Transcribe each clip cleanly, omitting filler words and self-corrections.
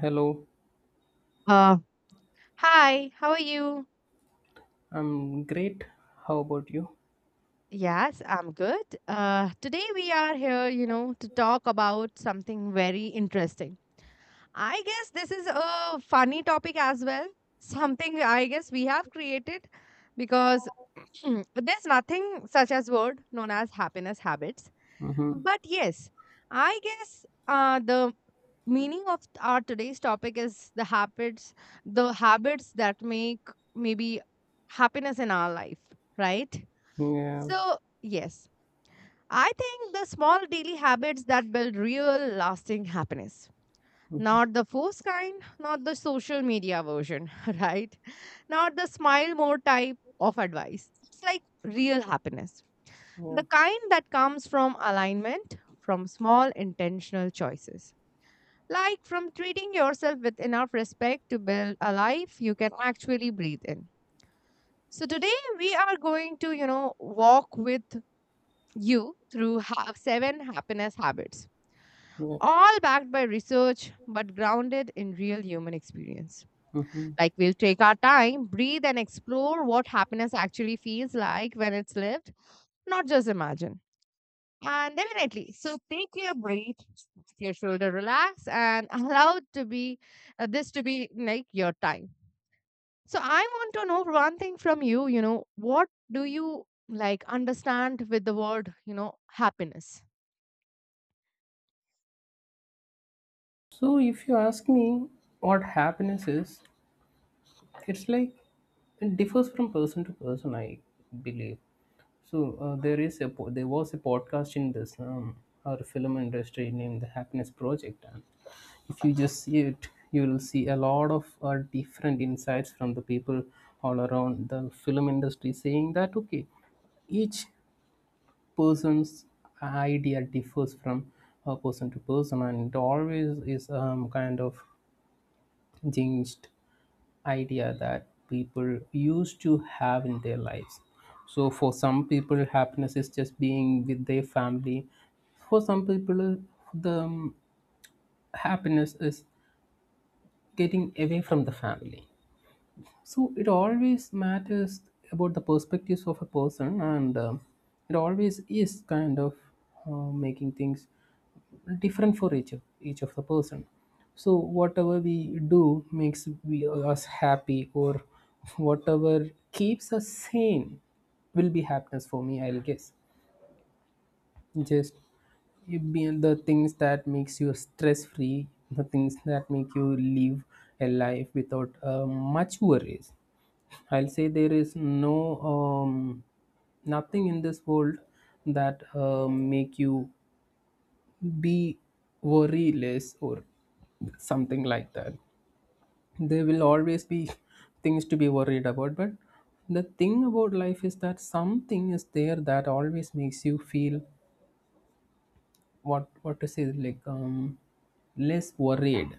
Hello, Uh, Hi, how are you? I'm great. How about you? Yes, I'm good. Today we are here, you know, to talk about something very interesting. I guess this is a funny topic as well. Something I guess we have created because there's nothing such as word known as happiness habits. Mm-hmm. But yes, I guess the meaning of our today's topic is the habits that make maybe happiness in our life, right? Yeah. So yes, I think the small daily habits that build real lasting happiness, Mm-hmm. not the forced kind, not the social media version, right, not the smile more type of advice. It's like real happiness, Yeah. the kind that comes from alignment, from small intentional choices, like from treating yourself with enough respect to build a life you can actually breathe in. So today we are going to, you know, walk with you through seven happiness habits, Yeah. all backed by research but grounded in real human experience. Mm-hmm. Like we'll take our time, breathe, and explore what happiness actually feels like when it's lived, not just imagine. And definitely, so take your breath, your shoulder relax, and allow to be this to be like your time. So I want to know one thing from you, you know, what do you like understand with the word, you know, happiness? So, if you ask me what happiness is, it's like it differs from person to person, I believe. So, there is a there was a podcast in this our film industry named the Happiness Project, and if you just see it, you will see a lot of different insights from the people all around the film industry, saying that okay, each person's idea differs from person to person, and it always is, kind of changed idea that people used to have in their lives. So for some people, happiness is just being with their family. For some people, the happiness is getting away from the family. So it always matters about the perspectives of a person, and it always is kind of making things different for each of the person. So whatever we do makes we us happy, or whatever keeps us sane, will be happiness for me, I'll guess. Just it be the things that makes you stress free, the things that make you live a life without much worries. I'll say there is no um, nothing in this world that make you be worry less or something like that. There will always be things to be worried about, but the thing about life is that something is there that always makes you feel, what to say, like less worried.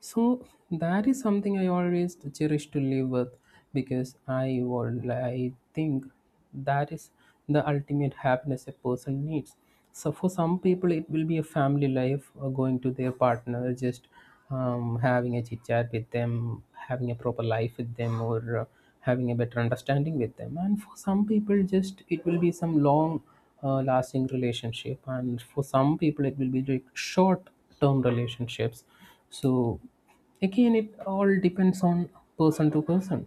So that is something I always cherish to live with, because I think that is the ultimate happiness a person needs. So for some people it will be a family life, or going to their partner, just having a chit chat with them, having a proper life with them, or having a better understanding with them. And for some people just it will be some long lasting relationship, and for some people it will be like short term relationships. So again, it all depends on person to person.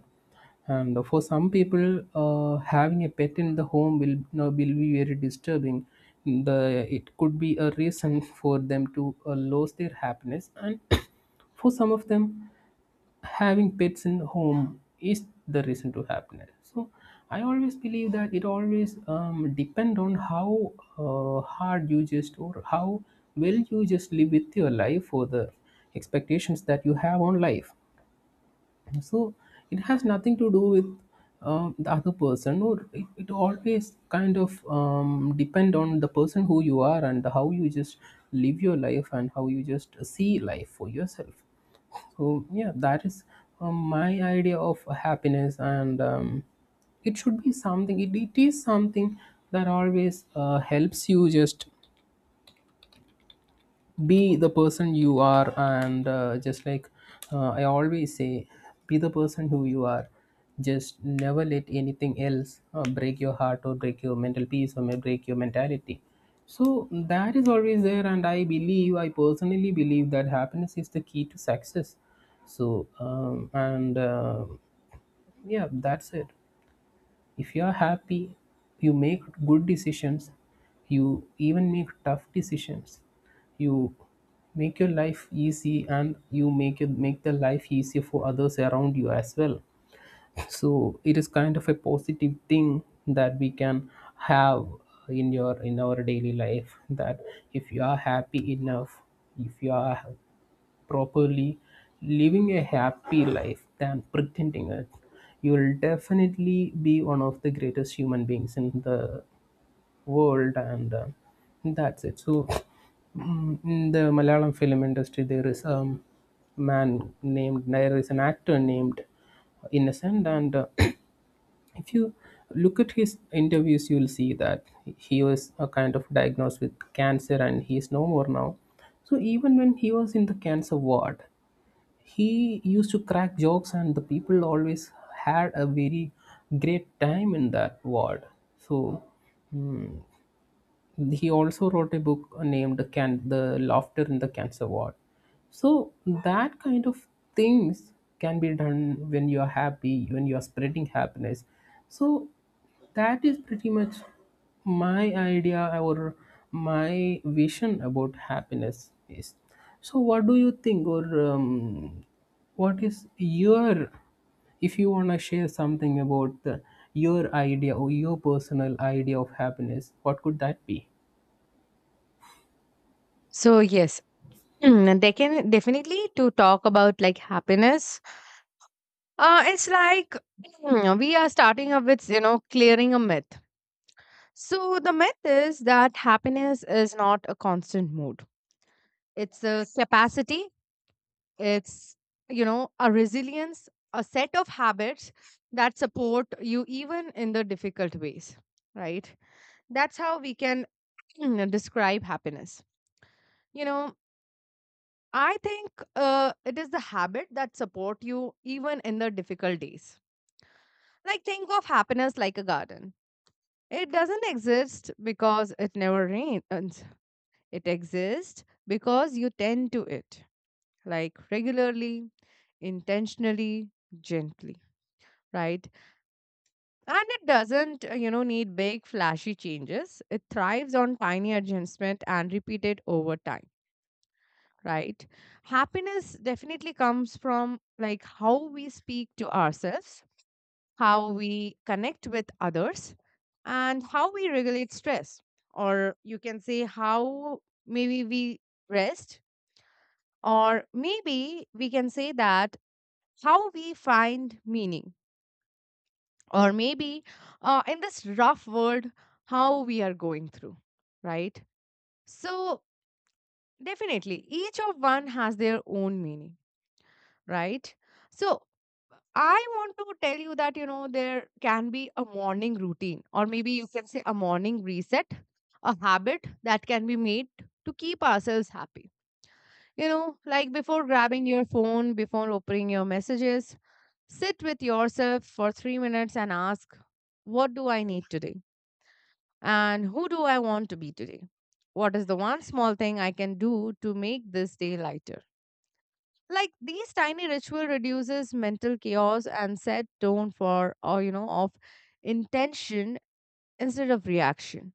And for some people having a pet in the home will, no, will be very disturbing. The it could be a reason for them to lose their happiness. And for some of them, having pets in home is the reason to happiness. So I always believe that it always depend on how hard you just, or how well you just live with your life, or the expectations that you have on life. So it has nothing to do with the other person, or it always kind of depend on the person who you are and how you just live your life and how you just see life for yourself. So yeah, that is my idea of happiness. And it should be something. It is something that always helps you just be the person you are. And just like, I always say, be the person who you are. Just never let anything else break your heart or break your mental peace or may break your mentality. So that is always there, and I personally believe that happiness is the key to success. So and yeah, that's it. If you are happy, you make good decisions, you even make tough decisions, you make your life easy, and you make the life easier for others around you as well. So it is kind of a positive thing that we can have in your in our daily life, that if you are happy enough, if you are properly, living a happy life, than pretending it, you'll definitely be one of the greatest human beings in the world. And that's it. So, in the Malayalam film industry, there is there is an actor named Innocent. And if you look at his interviews, you'll see that he was a kind of diagnosed with cancer, and he is no more now. So even when he was in the cancer ward, he used to crack jokes, and the people always had a very great time in that ward. So, mm, he also wrote a book named Can the Laughter in the Cancer Ward. So that kind of things can be done when you are happy, when you are spreading happiness. So that is pretty much my idea, or my vision about happiness is. So what do you think? Or um, what is your, if you want to share something about your idea or your personal idea of happiness, what could that be? So yes, they can definitely to talk about like happiness. It's like we are starting up with, you know, clearing a myth. So the myth is that happiness is not a constant mood. It's a capacity. It's, you know, a resilience, a set of habits that support you even in the difficult ways, right? That's how we can describe happiness, you know. I think it is the habit that support you even in the difficult days. Like think of happiness like a garden. It doesn't exist because it never rains. It exists because you tend to it, like regularly, intentionally, gently, right? And it doesn't, you know, need big flashy changes. It thrives on tiny adjustment and repeated over time, right? Happiness definitely comes from like how we speak to ourselves, how we connect with others, and how we regulate stress. Or you can say how maybe we rest, or maybe we can say that how we find meaning, or maybe in this rough world, how we are going through, right? So, definitely, each of one has their own meaning, right? So, I want to tell you that, you know, there can be a morning routine, or maybe you can say a morning reset, a habit that can be made to keep ourselves happy. You know, like before grabbing your phone, before opening your messages, sit with yourself for 3 minutes and ask, what do I need today? And who do I want to be today? What is the one small thing I can do to make this day lighter? Like these tiny ritual reduces mental chaos and set tone for, or you know, of intention instead of reaction.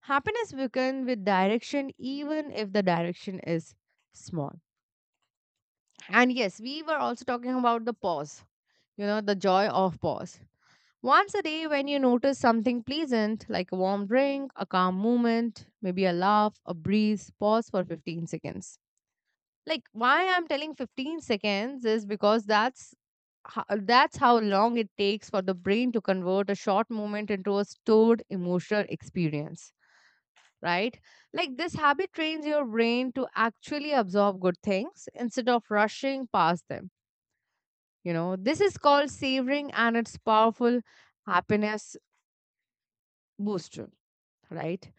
Happiness begins with direction even if the direction is small. And yes, we were also talking about the pause, you know, the joy of pause. Once a day, when you notice something pleasant, like a warm drink, a calm moment, maybe a laugh, a breeze, pause for 15 seconds. Like why I'm telling 15 seconds is because that's that's how long it takes for the brain to convert a short moment into a stored emotional experience, right? Like this habit trains your brain to actually absorb good things instead of rushing past them. You know, this is called savoring and it's powerful happiness booster, right?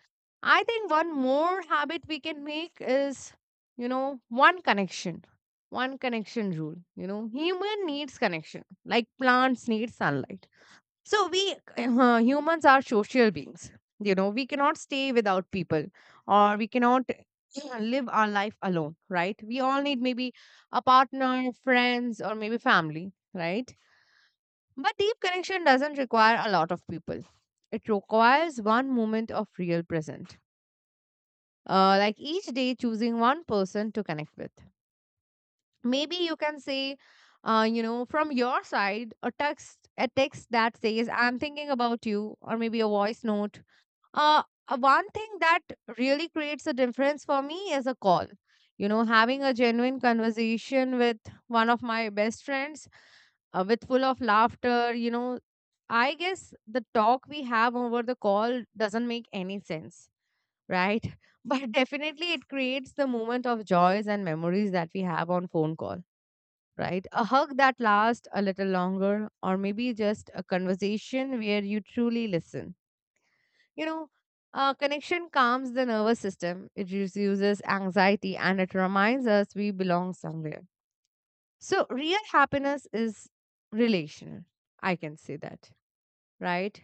I think one more habit we can make is, you know, one connection rule. You know, human needs connection, like plants need sunlight. So we humans are social beings. You know, we cannot stay without people, or we cannot live our life alone, right? We all need maybe a partner, friends, or maybe family, right? But deep connection doesn't require a lot of people. It requires one moment of real presence, like each day choosing one person to connect with. Maybe you can say, you know, from your side a text, a text that says I'm thinking about you, or maybe a voice note. uh, One thing that really creates a difference for me is a call, you know, having a genuine conversation with one of my best friends, with full of laughter. You know, I guess the talk we have over the call doesn't make any sense, right? But definitely, it creates the moment of joys and memories that we have on phone call, right? A hug that lasts a little longer, or maybe just a conversation where you truly listen. You know, connection calms the nervous system, it reduces anxiety, and it reminds us we belong somewhere. So, real happiness is relational. I can say that, right?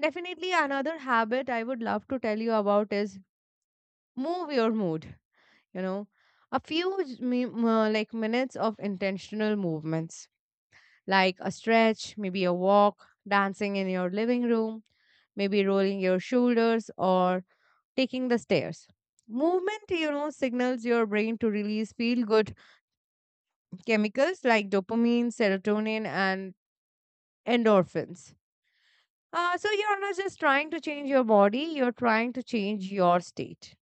Definitely, another habit I would love to tell you about is move your mood, you know, a few like minutes of intentional movements, like a stretch, maybe a walk, dancing in your living room, maybe rolling your shoulders or taking the stairs. Movement, you know, signals your brain to release feel good chemicals like dopamine, serotonin, and endorphins. So you're not just trying to change your body, you're trying to change your state.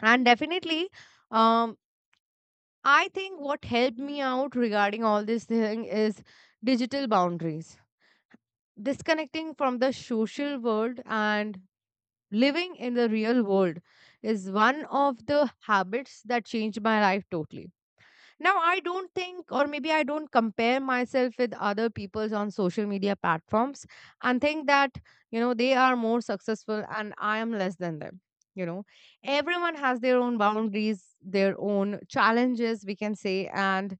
And definitely, um I think what helped me out regarding all this thing is digital boundaries. Disconnecting from the social world and living in the real world is one of the habits that changed my life totally. Now, I don't think, or maybe I don't compare myself with other people's on social media platforms and think that, you know, they are more successful and I am less than them. You know, everyone has their own boundaries, their own challenges, we can say, and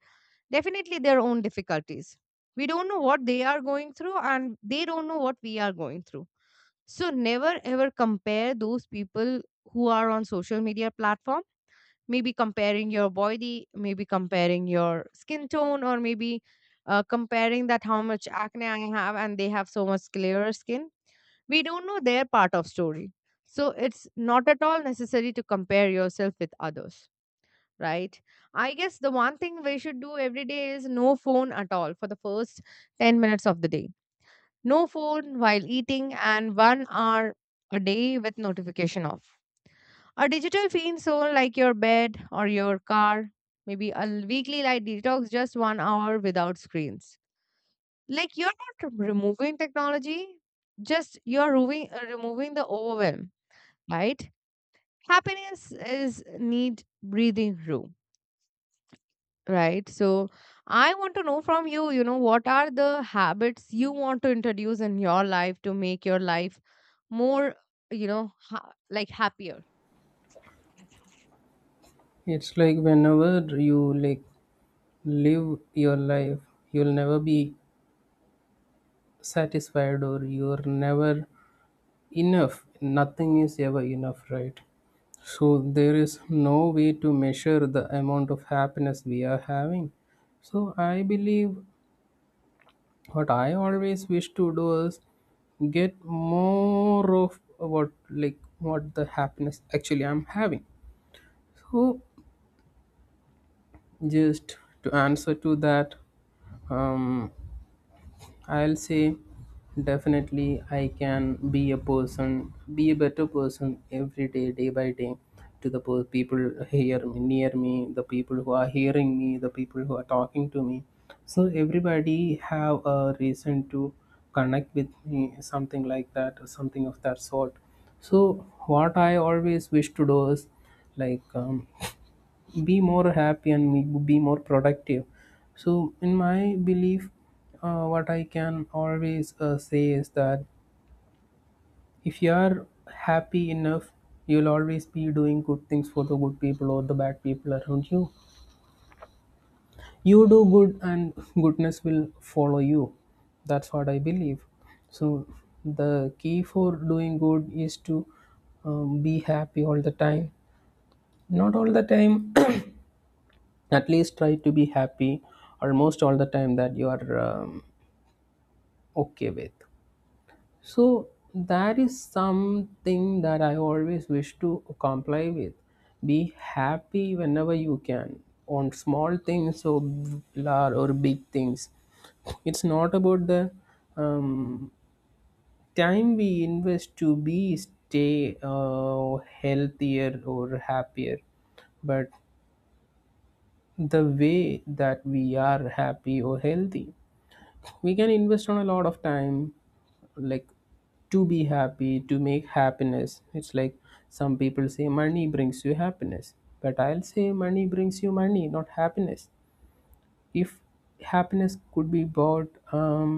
definitely their own difficulties. We don't know what they are going through, and they don't know what we are going through. So, never ever compare those people who are on social media platform. Maybe comparing your body, maybe comparing your skin tone, or maybe comparing that how much acne I have and they have so much clearer skin. We don't know their part of story. So it's not at all necessary to compare yourself with others, right? I guess the one thing we should do every day is no phone at all for the first 10 minutes of the day. No phone while eating, and 1 hour a day with notification off. A digital free zone like your bed or your car, maybe a weekly light detox, just 1 hour without screens. Like you're not removing technology, just you're removing, removing the overwhelm, right? Happiness is need breathing room, right? So I want to know from you, you know, what are the habits you want to introduce in your life to make your life more, you know, like happier? It's like whenever you like live your life, you'll never be satisfied, or you're never enough. Nothing is ever enough, right? So there is no way to measure the amount of happiness we are having. So I believe what I always wish to do is get more of what, like what, the happiness actually I'm having. So just to answer to that, um I'll say definitely I can be a better person every day, day by day, to the people near me, the people who are hearing me, the people who are talking to me. So everybody have a reason to connect with me, something like that, or something of that sort. So what I always wish to do is like, be more happy and be more productive. So in my belief, what I can always say is that if you are happy enough, you'll always be doing good things for the good people or the bad people around you. You do good, and goodness will follow you. That's what I believe. So the key for doing good is to be happy all the time. Not all the time, at least try to be happy almost all the time that you are okay with. So that is something that I always wish to comply with. Be happy whenever you can, on small things or large or big things. It's not about the um, time we invest to be stay healthier or happier, but the way that we are happy or healthy, we can invest on a lot of time, like to be happy, to make happiness. It's like some people say money brings you happiness, but I'll say money brings you money, not happiness. If happiness could be bought,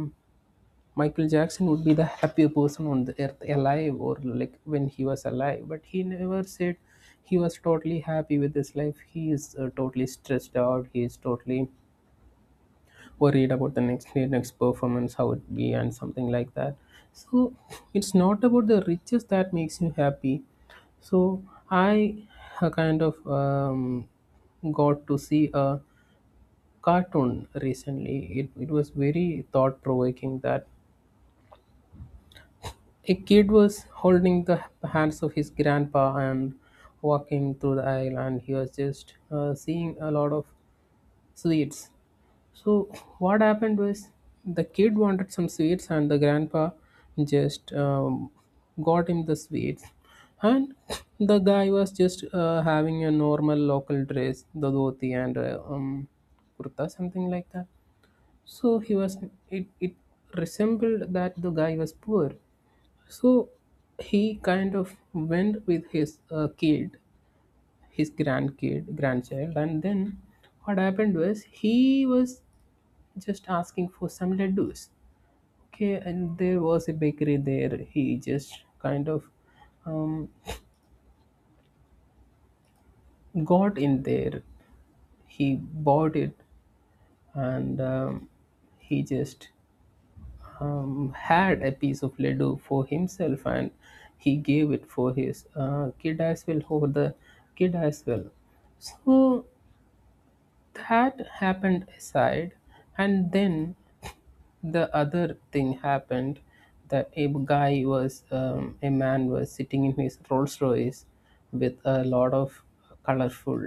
Michael Jackson would be the happier person on the earth alive, or like when he was alive. But he never said he was totally happy with his life. He is totally stressed out. He is totally, or read about the next year, next performance, how it be, and something like that. So it's not about the riches that makes you happy. So I kind of got to see a cartoon recently. It was very thought provoking that a kid was holding the hands of his grandpa and walking through the aisle, and he was just seeing a lot of sweets. So what happened was, the kid wanted some sweets, and the grandpa just got him the sweets. And the guy was just having a normal local dress, the dhoti and kurta, something like that. So he was it it resembled that the guy was poor. So he kind of went with his kid, his grandkid, grandchild, and then what happened was, he was just asking for some laddus. Okay, and there was a bakery there. He just kind of um, got in there. He bought it, and he just had a piece of laddu for himself, and he gave it for his kid as well, for the kid as well. So that happened aside. And then, the other thing happened, that a man was sitting in his Rolls Royce with a lot of colorful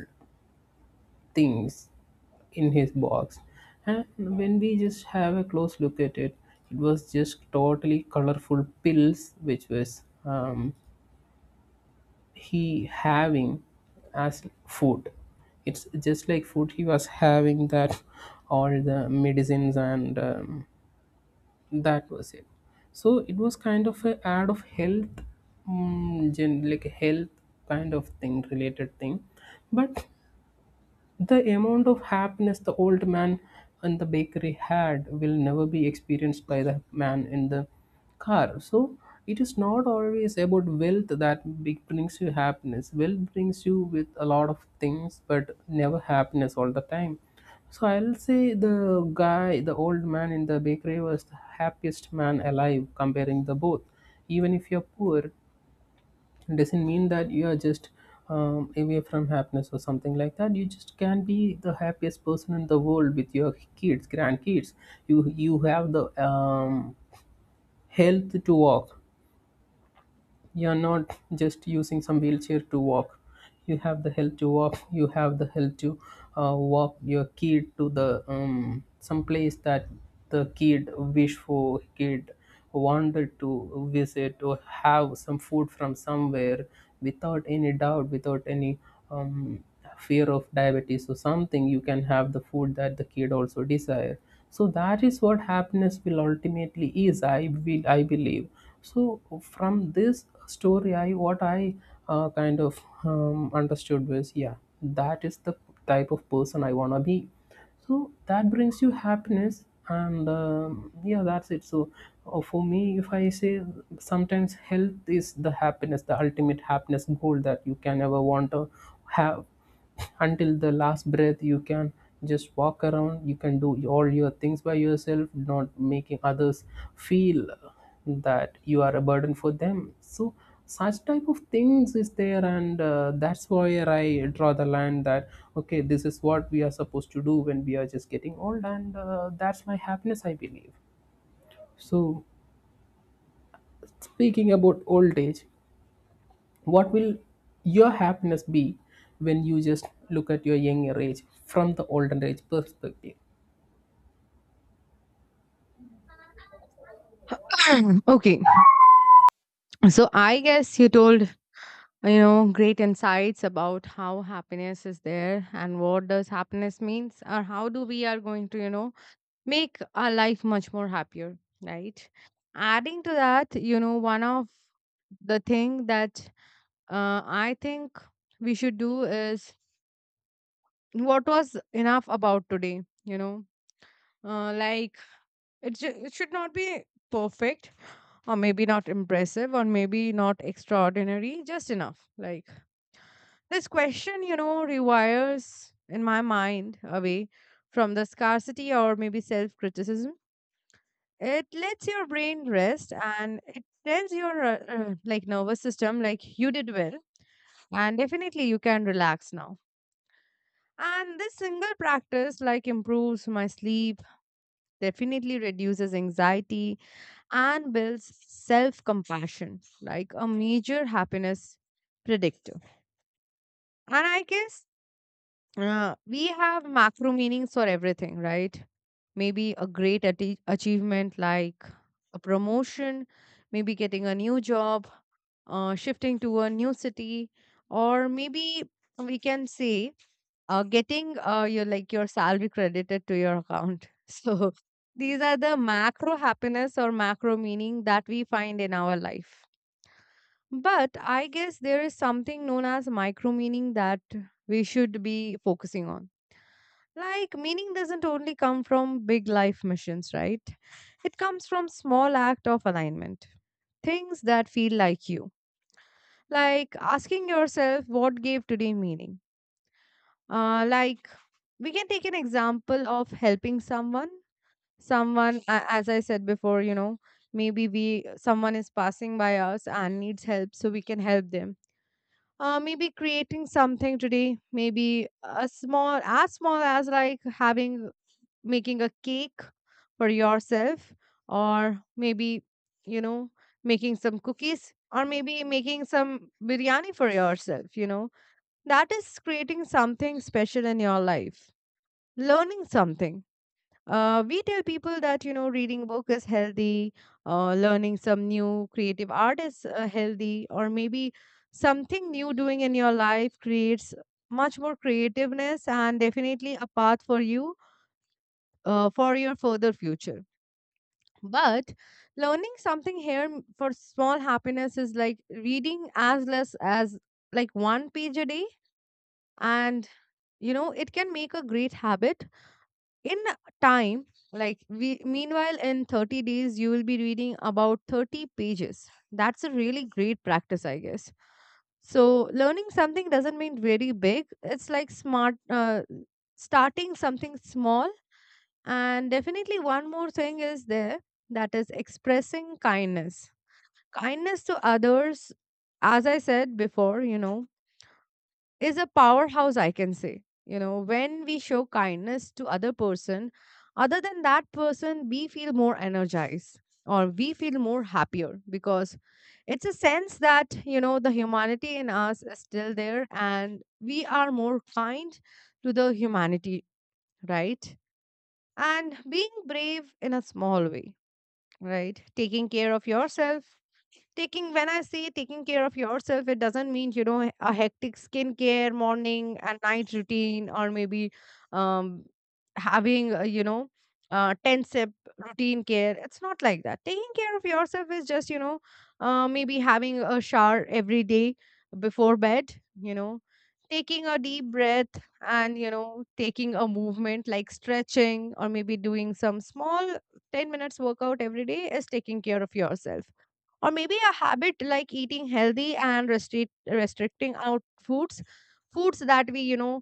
things in his box. And when we just have a close look at it, it was just totally colorful pills, which was, he having as food. It's just like food he was having, that all the medicines, and that was it. So it was kind of a ad of health, like a health kind of thing, related thing. But the amount of happiness the old man and the bakery had will never be experienced by the man in the car. So it is not always about wealth that brings you happiness. Wealth brings you with a lot of things, but never happiness all the time. So I'll say the guy, the old man in the bakery was the happiest man alive, comparing the both. Even if you're poor, it doesn't mean that you are just away from happiness or something like that. You just can be the happiest person in the world with your kids, grandkids. You have the health to walk. You're not just using some wheelchair to walk. You have the help to walk, you have the help to walk your kid to the some place that the kid wish for, kid wanted to visit, or have some food from somewhere without any doubt, without any um, fear of diabetes or something. You can have the food that the kid also desire. So that is what happiness will ultimately is, I believe. So from this story, I what I kind of understood was, yeah, that is the type of person I want to be. So that brings you happiness, and yeah, that's it. So for me, if I say, sometimes health is the happiness, the ultimate happiness goal that you can ever want to have. Until the last breath you can just walk around, you can do all your things by yourself, not making others feel that you are a burden for them. So such type of things is there, and that's where I draw the line, that okay, this is what we are supposed to do when we are just getting old, and that's my happiness, I believe. So speaking about old age, what will your happiness be when you just look at your younger age from the older age perspective? Okay. So I guess you told, you know, great insights about how happiness is there and what does happiness means or how do we are going to, you know, make our life much more happier, right? Adding to that, you know, one of the thing that I think we should do is what was enough about today, you know, like it should not be perfect or maybe not impressive or maybe not extraordinary, just enough. Like this question, you know, rewires in my mind away from the scarcity or maybe self criticism. It lets your brain rest and it tells your like nervous system like you did well, and definitely you can relax now. And this single practice like improves my sleep, definitely reduces anxiety and builds self-compassion, like a major happiness predictor. And I guess we have macro meanings for everything, right? Maybe a great achievement like a promotion, maybe getting a new job, shifting to a new city, or maybe we can say getting your like your salary credited to your account. So these are the macro happiness or macro meaning that we find in our life. But I guess there is something known as micro meaning that we should be focusing on. Like meaning doesn't only come from big life missions, right? It comes from small act of alignment. Things that feel like you. Like asking yourself what gave today meaning. Like we can take an example of helping someone. Someone, as I said before, you know, maybe we someone is passing by us and needs help, so we can help them. Maybe creating something today, maybe a small as like having making a cake for yourself, or maybe, you know, making some cookies, or maybe making some biryani for yourself. You know, that is creating something special in your life. Learning something. We tell people that, you know, reading a book is healthy, learning some new creative art is healthy, or maybe something new doing in your life creates much more creativeness and definitely a path for you, for your further future. But learning something here for small happiness is like reading as less as like one page a day, and you know it can make a great habit in time. Like we meanwhile in 30 days you will be reading about 30 pages. That's a really great practice, I guess. So learning something doesn't mean very big. It's like smart, starting something small. And definitely one more thing is there, that is expressing kindness, kindness to others. As I said before, you know, is a powerhouse, I can say. You know, when we show kindness to other person, other than that person, we feel more energized, or we feel more happier, because it's a sense that, you know, the humanity in us is still there and we are more kind to the humanity, right? And being brave in a small way, right? Taking care of yourself. Taking, when I say taking care of yourself, it doesn't mean, you know, a hectic skincare morning and night routine or maybe um having, you know, 10 sip routine care. It's not like that. Taking care of yourself is just, you know, maybe having a shower every day before bed, you know, taking a deep breath, and you know, taking a movement like stretching, or maybe doing some small 10 minutes workout every day is taking care of yourself. Or maybe a habit like eating healthy and restricting out foods, foods that we, you know,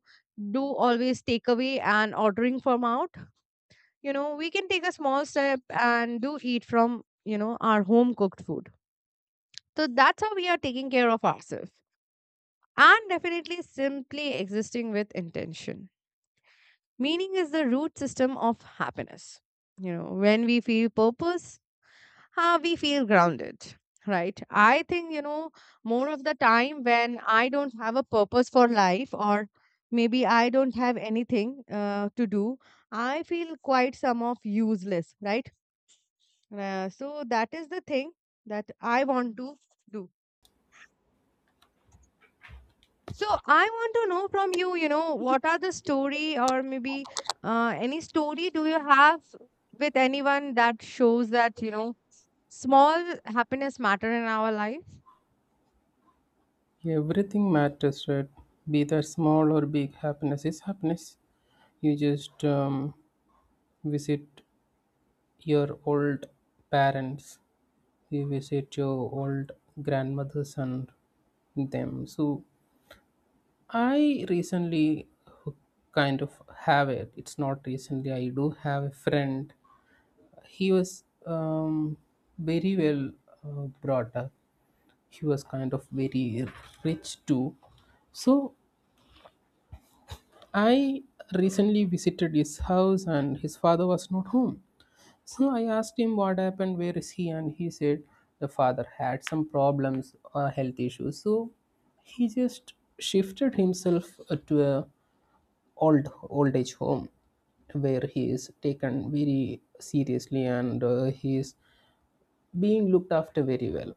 do always take away and ordering from out. You know, we can take a small step and do eat from, you know, our home cooked food. So that's how we are taking care of ourselves. And definitely simply existing with intention. Meaning is the root system of happiness. You know, when we feel purpose, we feel grounded, right? I think, you know, more of the time when I don't have a purpose for life or maybe I don't have anything to do, I feel quite some of useless, right? So that is the thing that I want to do. So I want to know from you, you know, what are the story or maybe any story do you have with anyone that shows that, you know, small happiness matter in our life? Everything matters, right? Be that small or big, happiness is happiness. You just visit your old parents, you visit your old grandmothers and them. So I recently kind of have it. It's not recently, I do have a friend. He was very well brought up. He was kind of very rich too. So I recently visited his house, and his father was not home. So I asked him what happened, where is he? And he said the father had some problems, health issues. So he just shifted himself to a old age home where he is taken very seriously, and he is being looked after very well.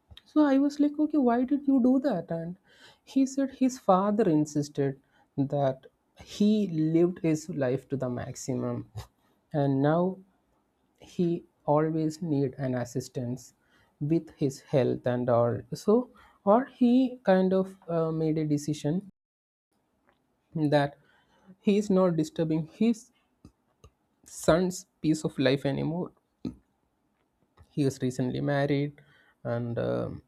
So I was like, okay, why did you do that? And he said his father insisted that he lived his life to the maximum, and now he always need an assistance with his health and all. So, or he kind of made a decision that he is not disturbing his son's peace of life anymore. He was recently married, and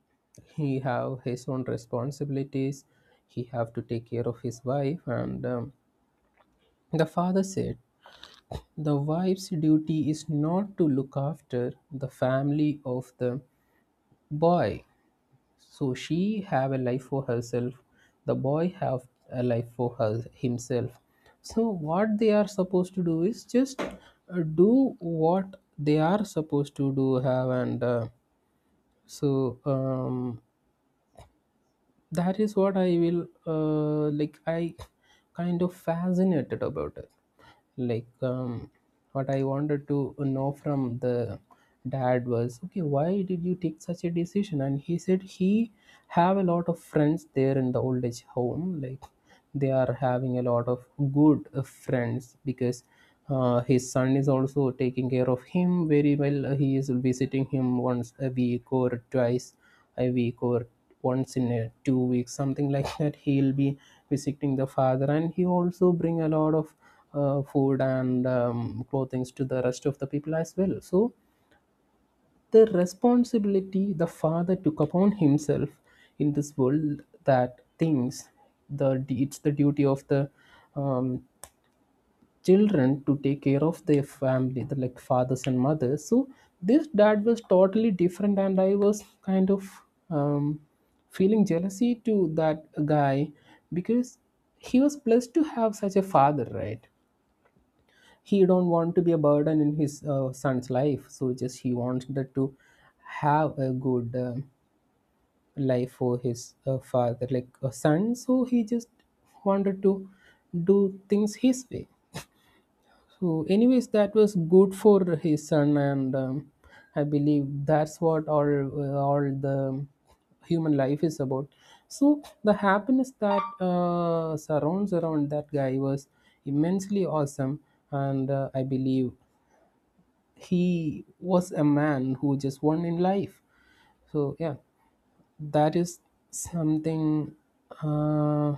he have his own responsibilities, he have to take care of his wife. And the father said the wife's duty is not to look after the family of the boy. So she have a life for herself, the boy have a life for her himself. So what they are supposed to do is just, do what they are supposed to do have. And so that is what I will, like, I kind of fascinated about it. Like, what I wanted to know from the dad was, okay, why did you take such a decision? And he said he have a lot of friends there in the old age home. Like, they are having a lot of good, friends, because his son is also taking care of him very well. He is visiting him once a week or twice a week or once in a 2 weeks, something like that. He'll be visiting the father, and he also bring a lot of food, and clothing to the rest of the people as well. So the responsibility the father took upon himself in this world, that things, the, it's the duty of the um, children to take care of their family, the, like, fathers and mothers. So this dad was totally different, and I was kind of, um, feeling jealousy to that guy, because he was blessed to have such a father, right? He don't want to be a burden in his, son's life. So just he wanted to have a good, um, life for his, father like a son. So he just wanted to do things his way. So anyways, that was good for his son. And I believe that's what all, all the human life is about. So the happiness that, surrounds around that guy was immensely awesome. And I believe he was a man who just won in life. So yeah, that is something, uh,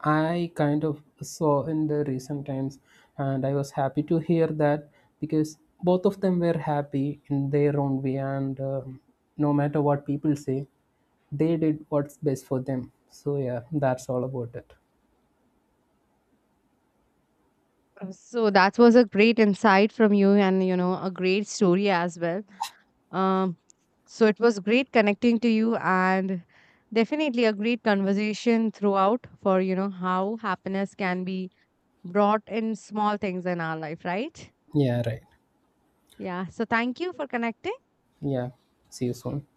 I kind of saw in the recent times, and I was happy to hear that, because both of them were happy in their own way. And no matter what people say, they did what's best for them. So yeah, that's all about it. So that was a great insight from you and, you know, a great story as well. Um, so it was great connecting to you and definitely a great conversation throughout for, you know, how happiness can be brought in small things in our life, right? Yeah, right. Yeah. So thank you for connecting. Yeah. See you soon.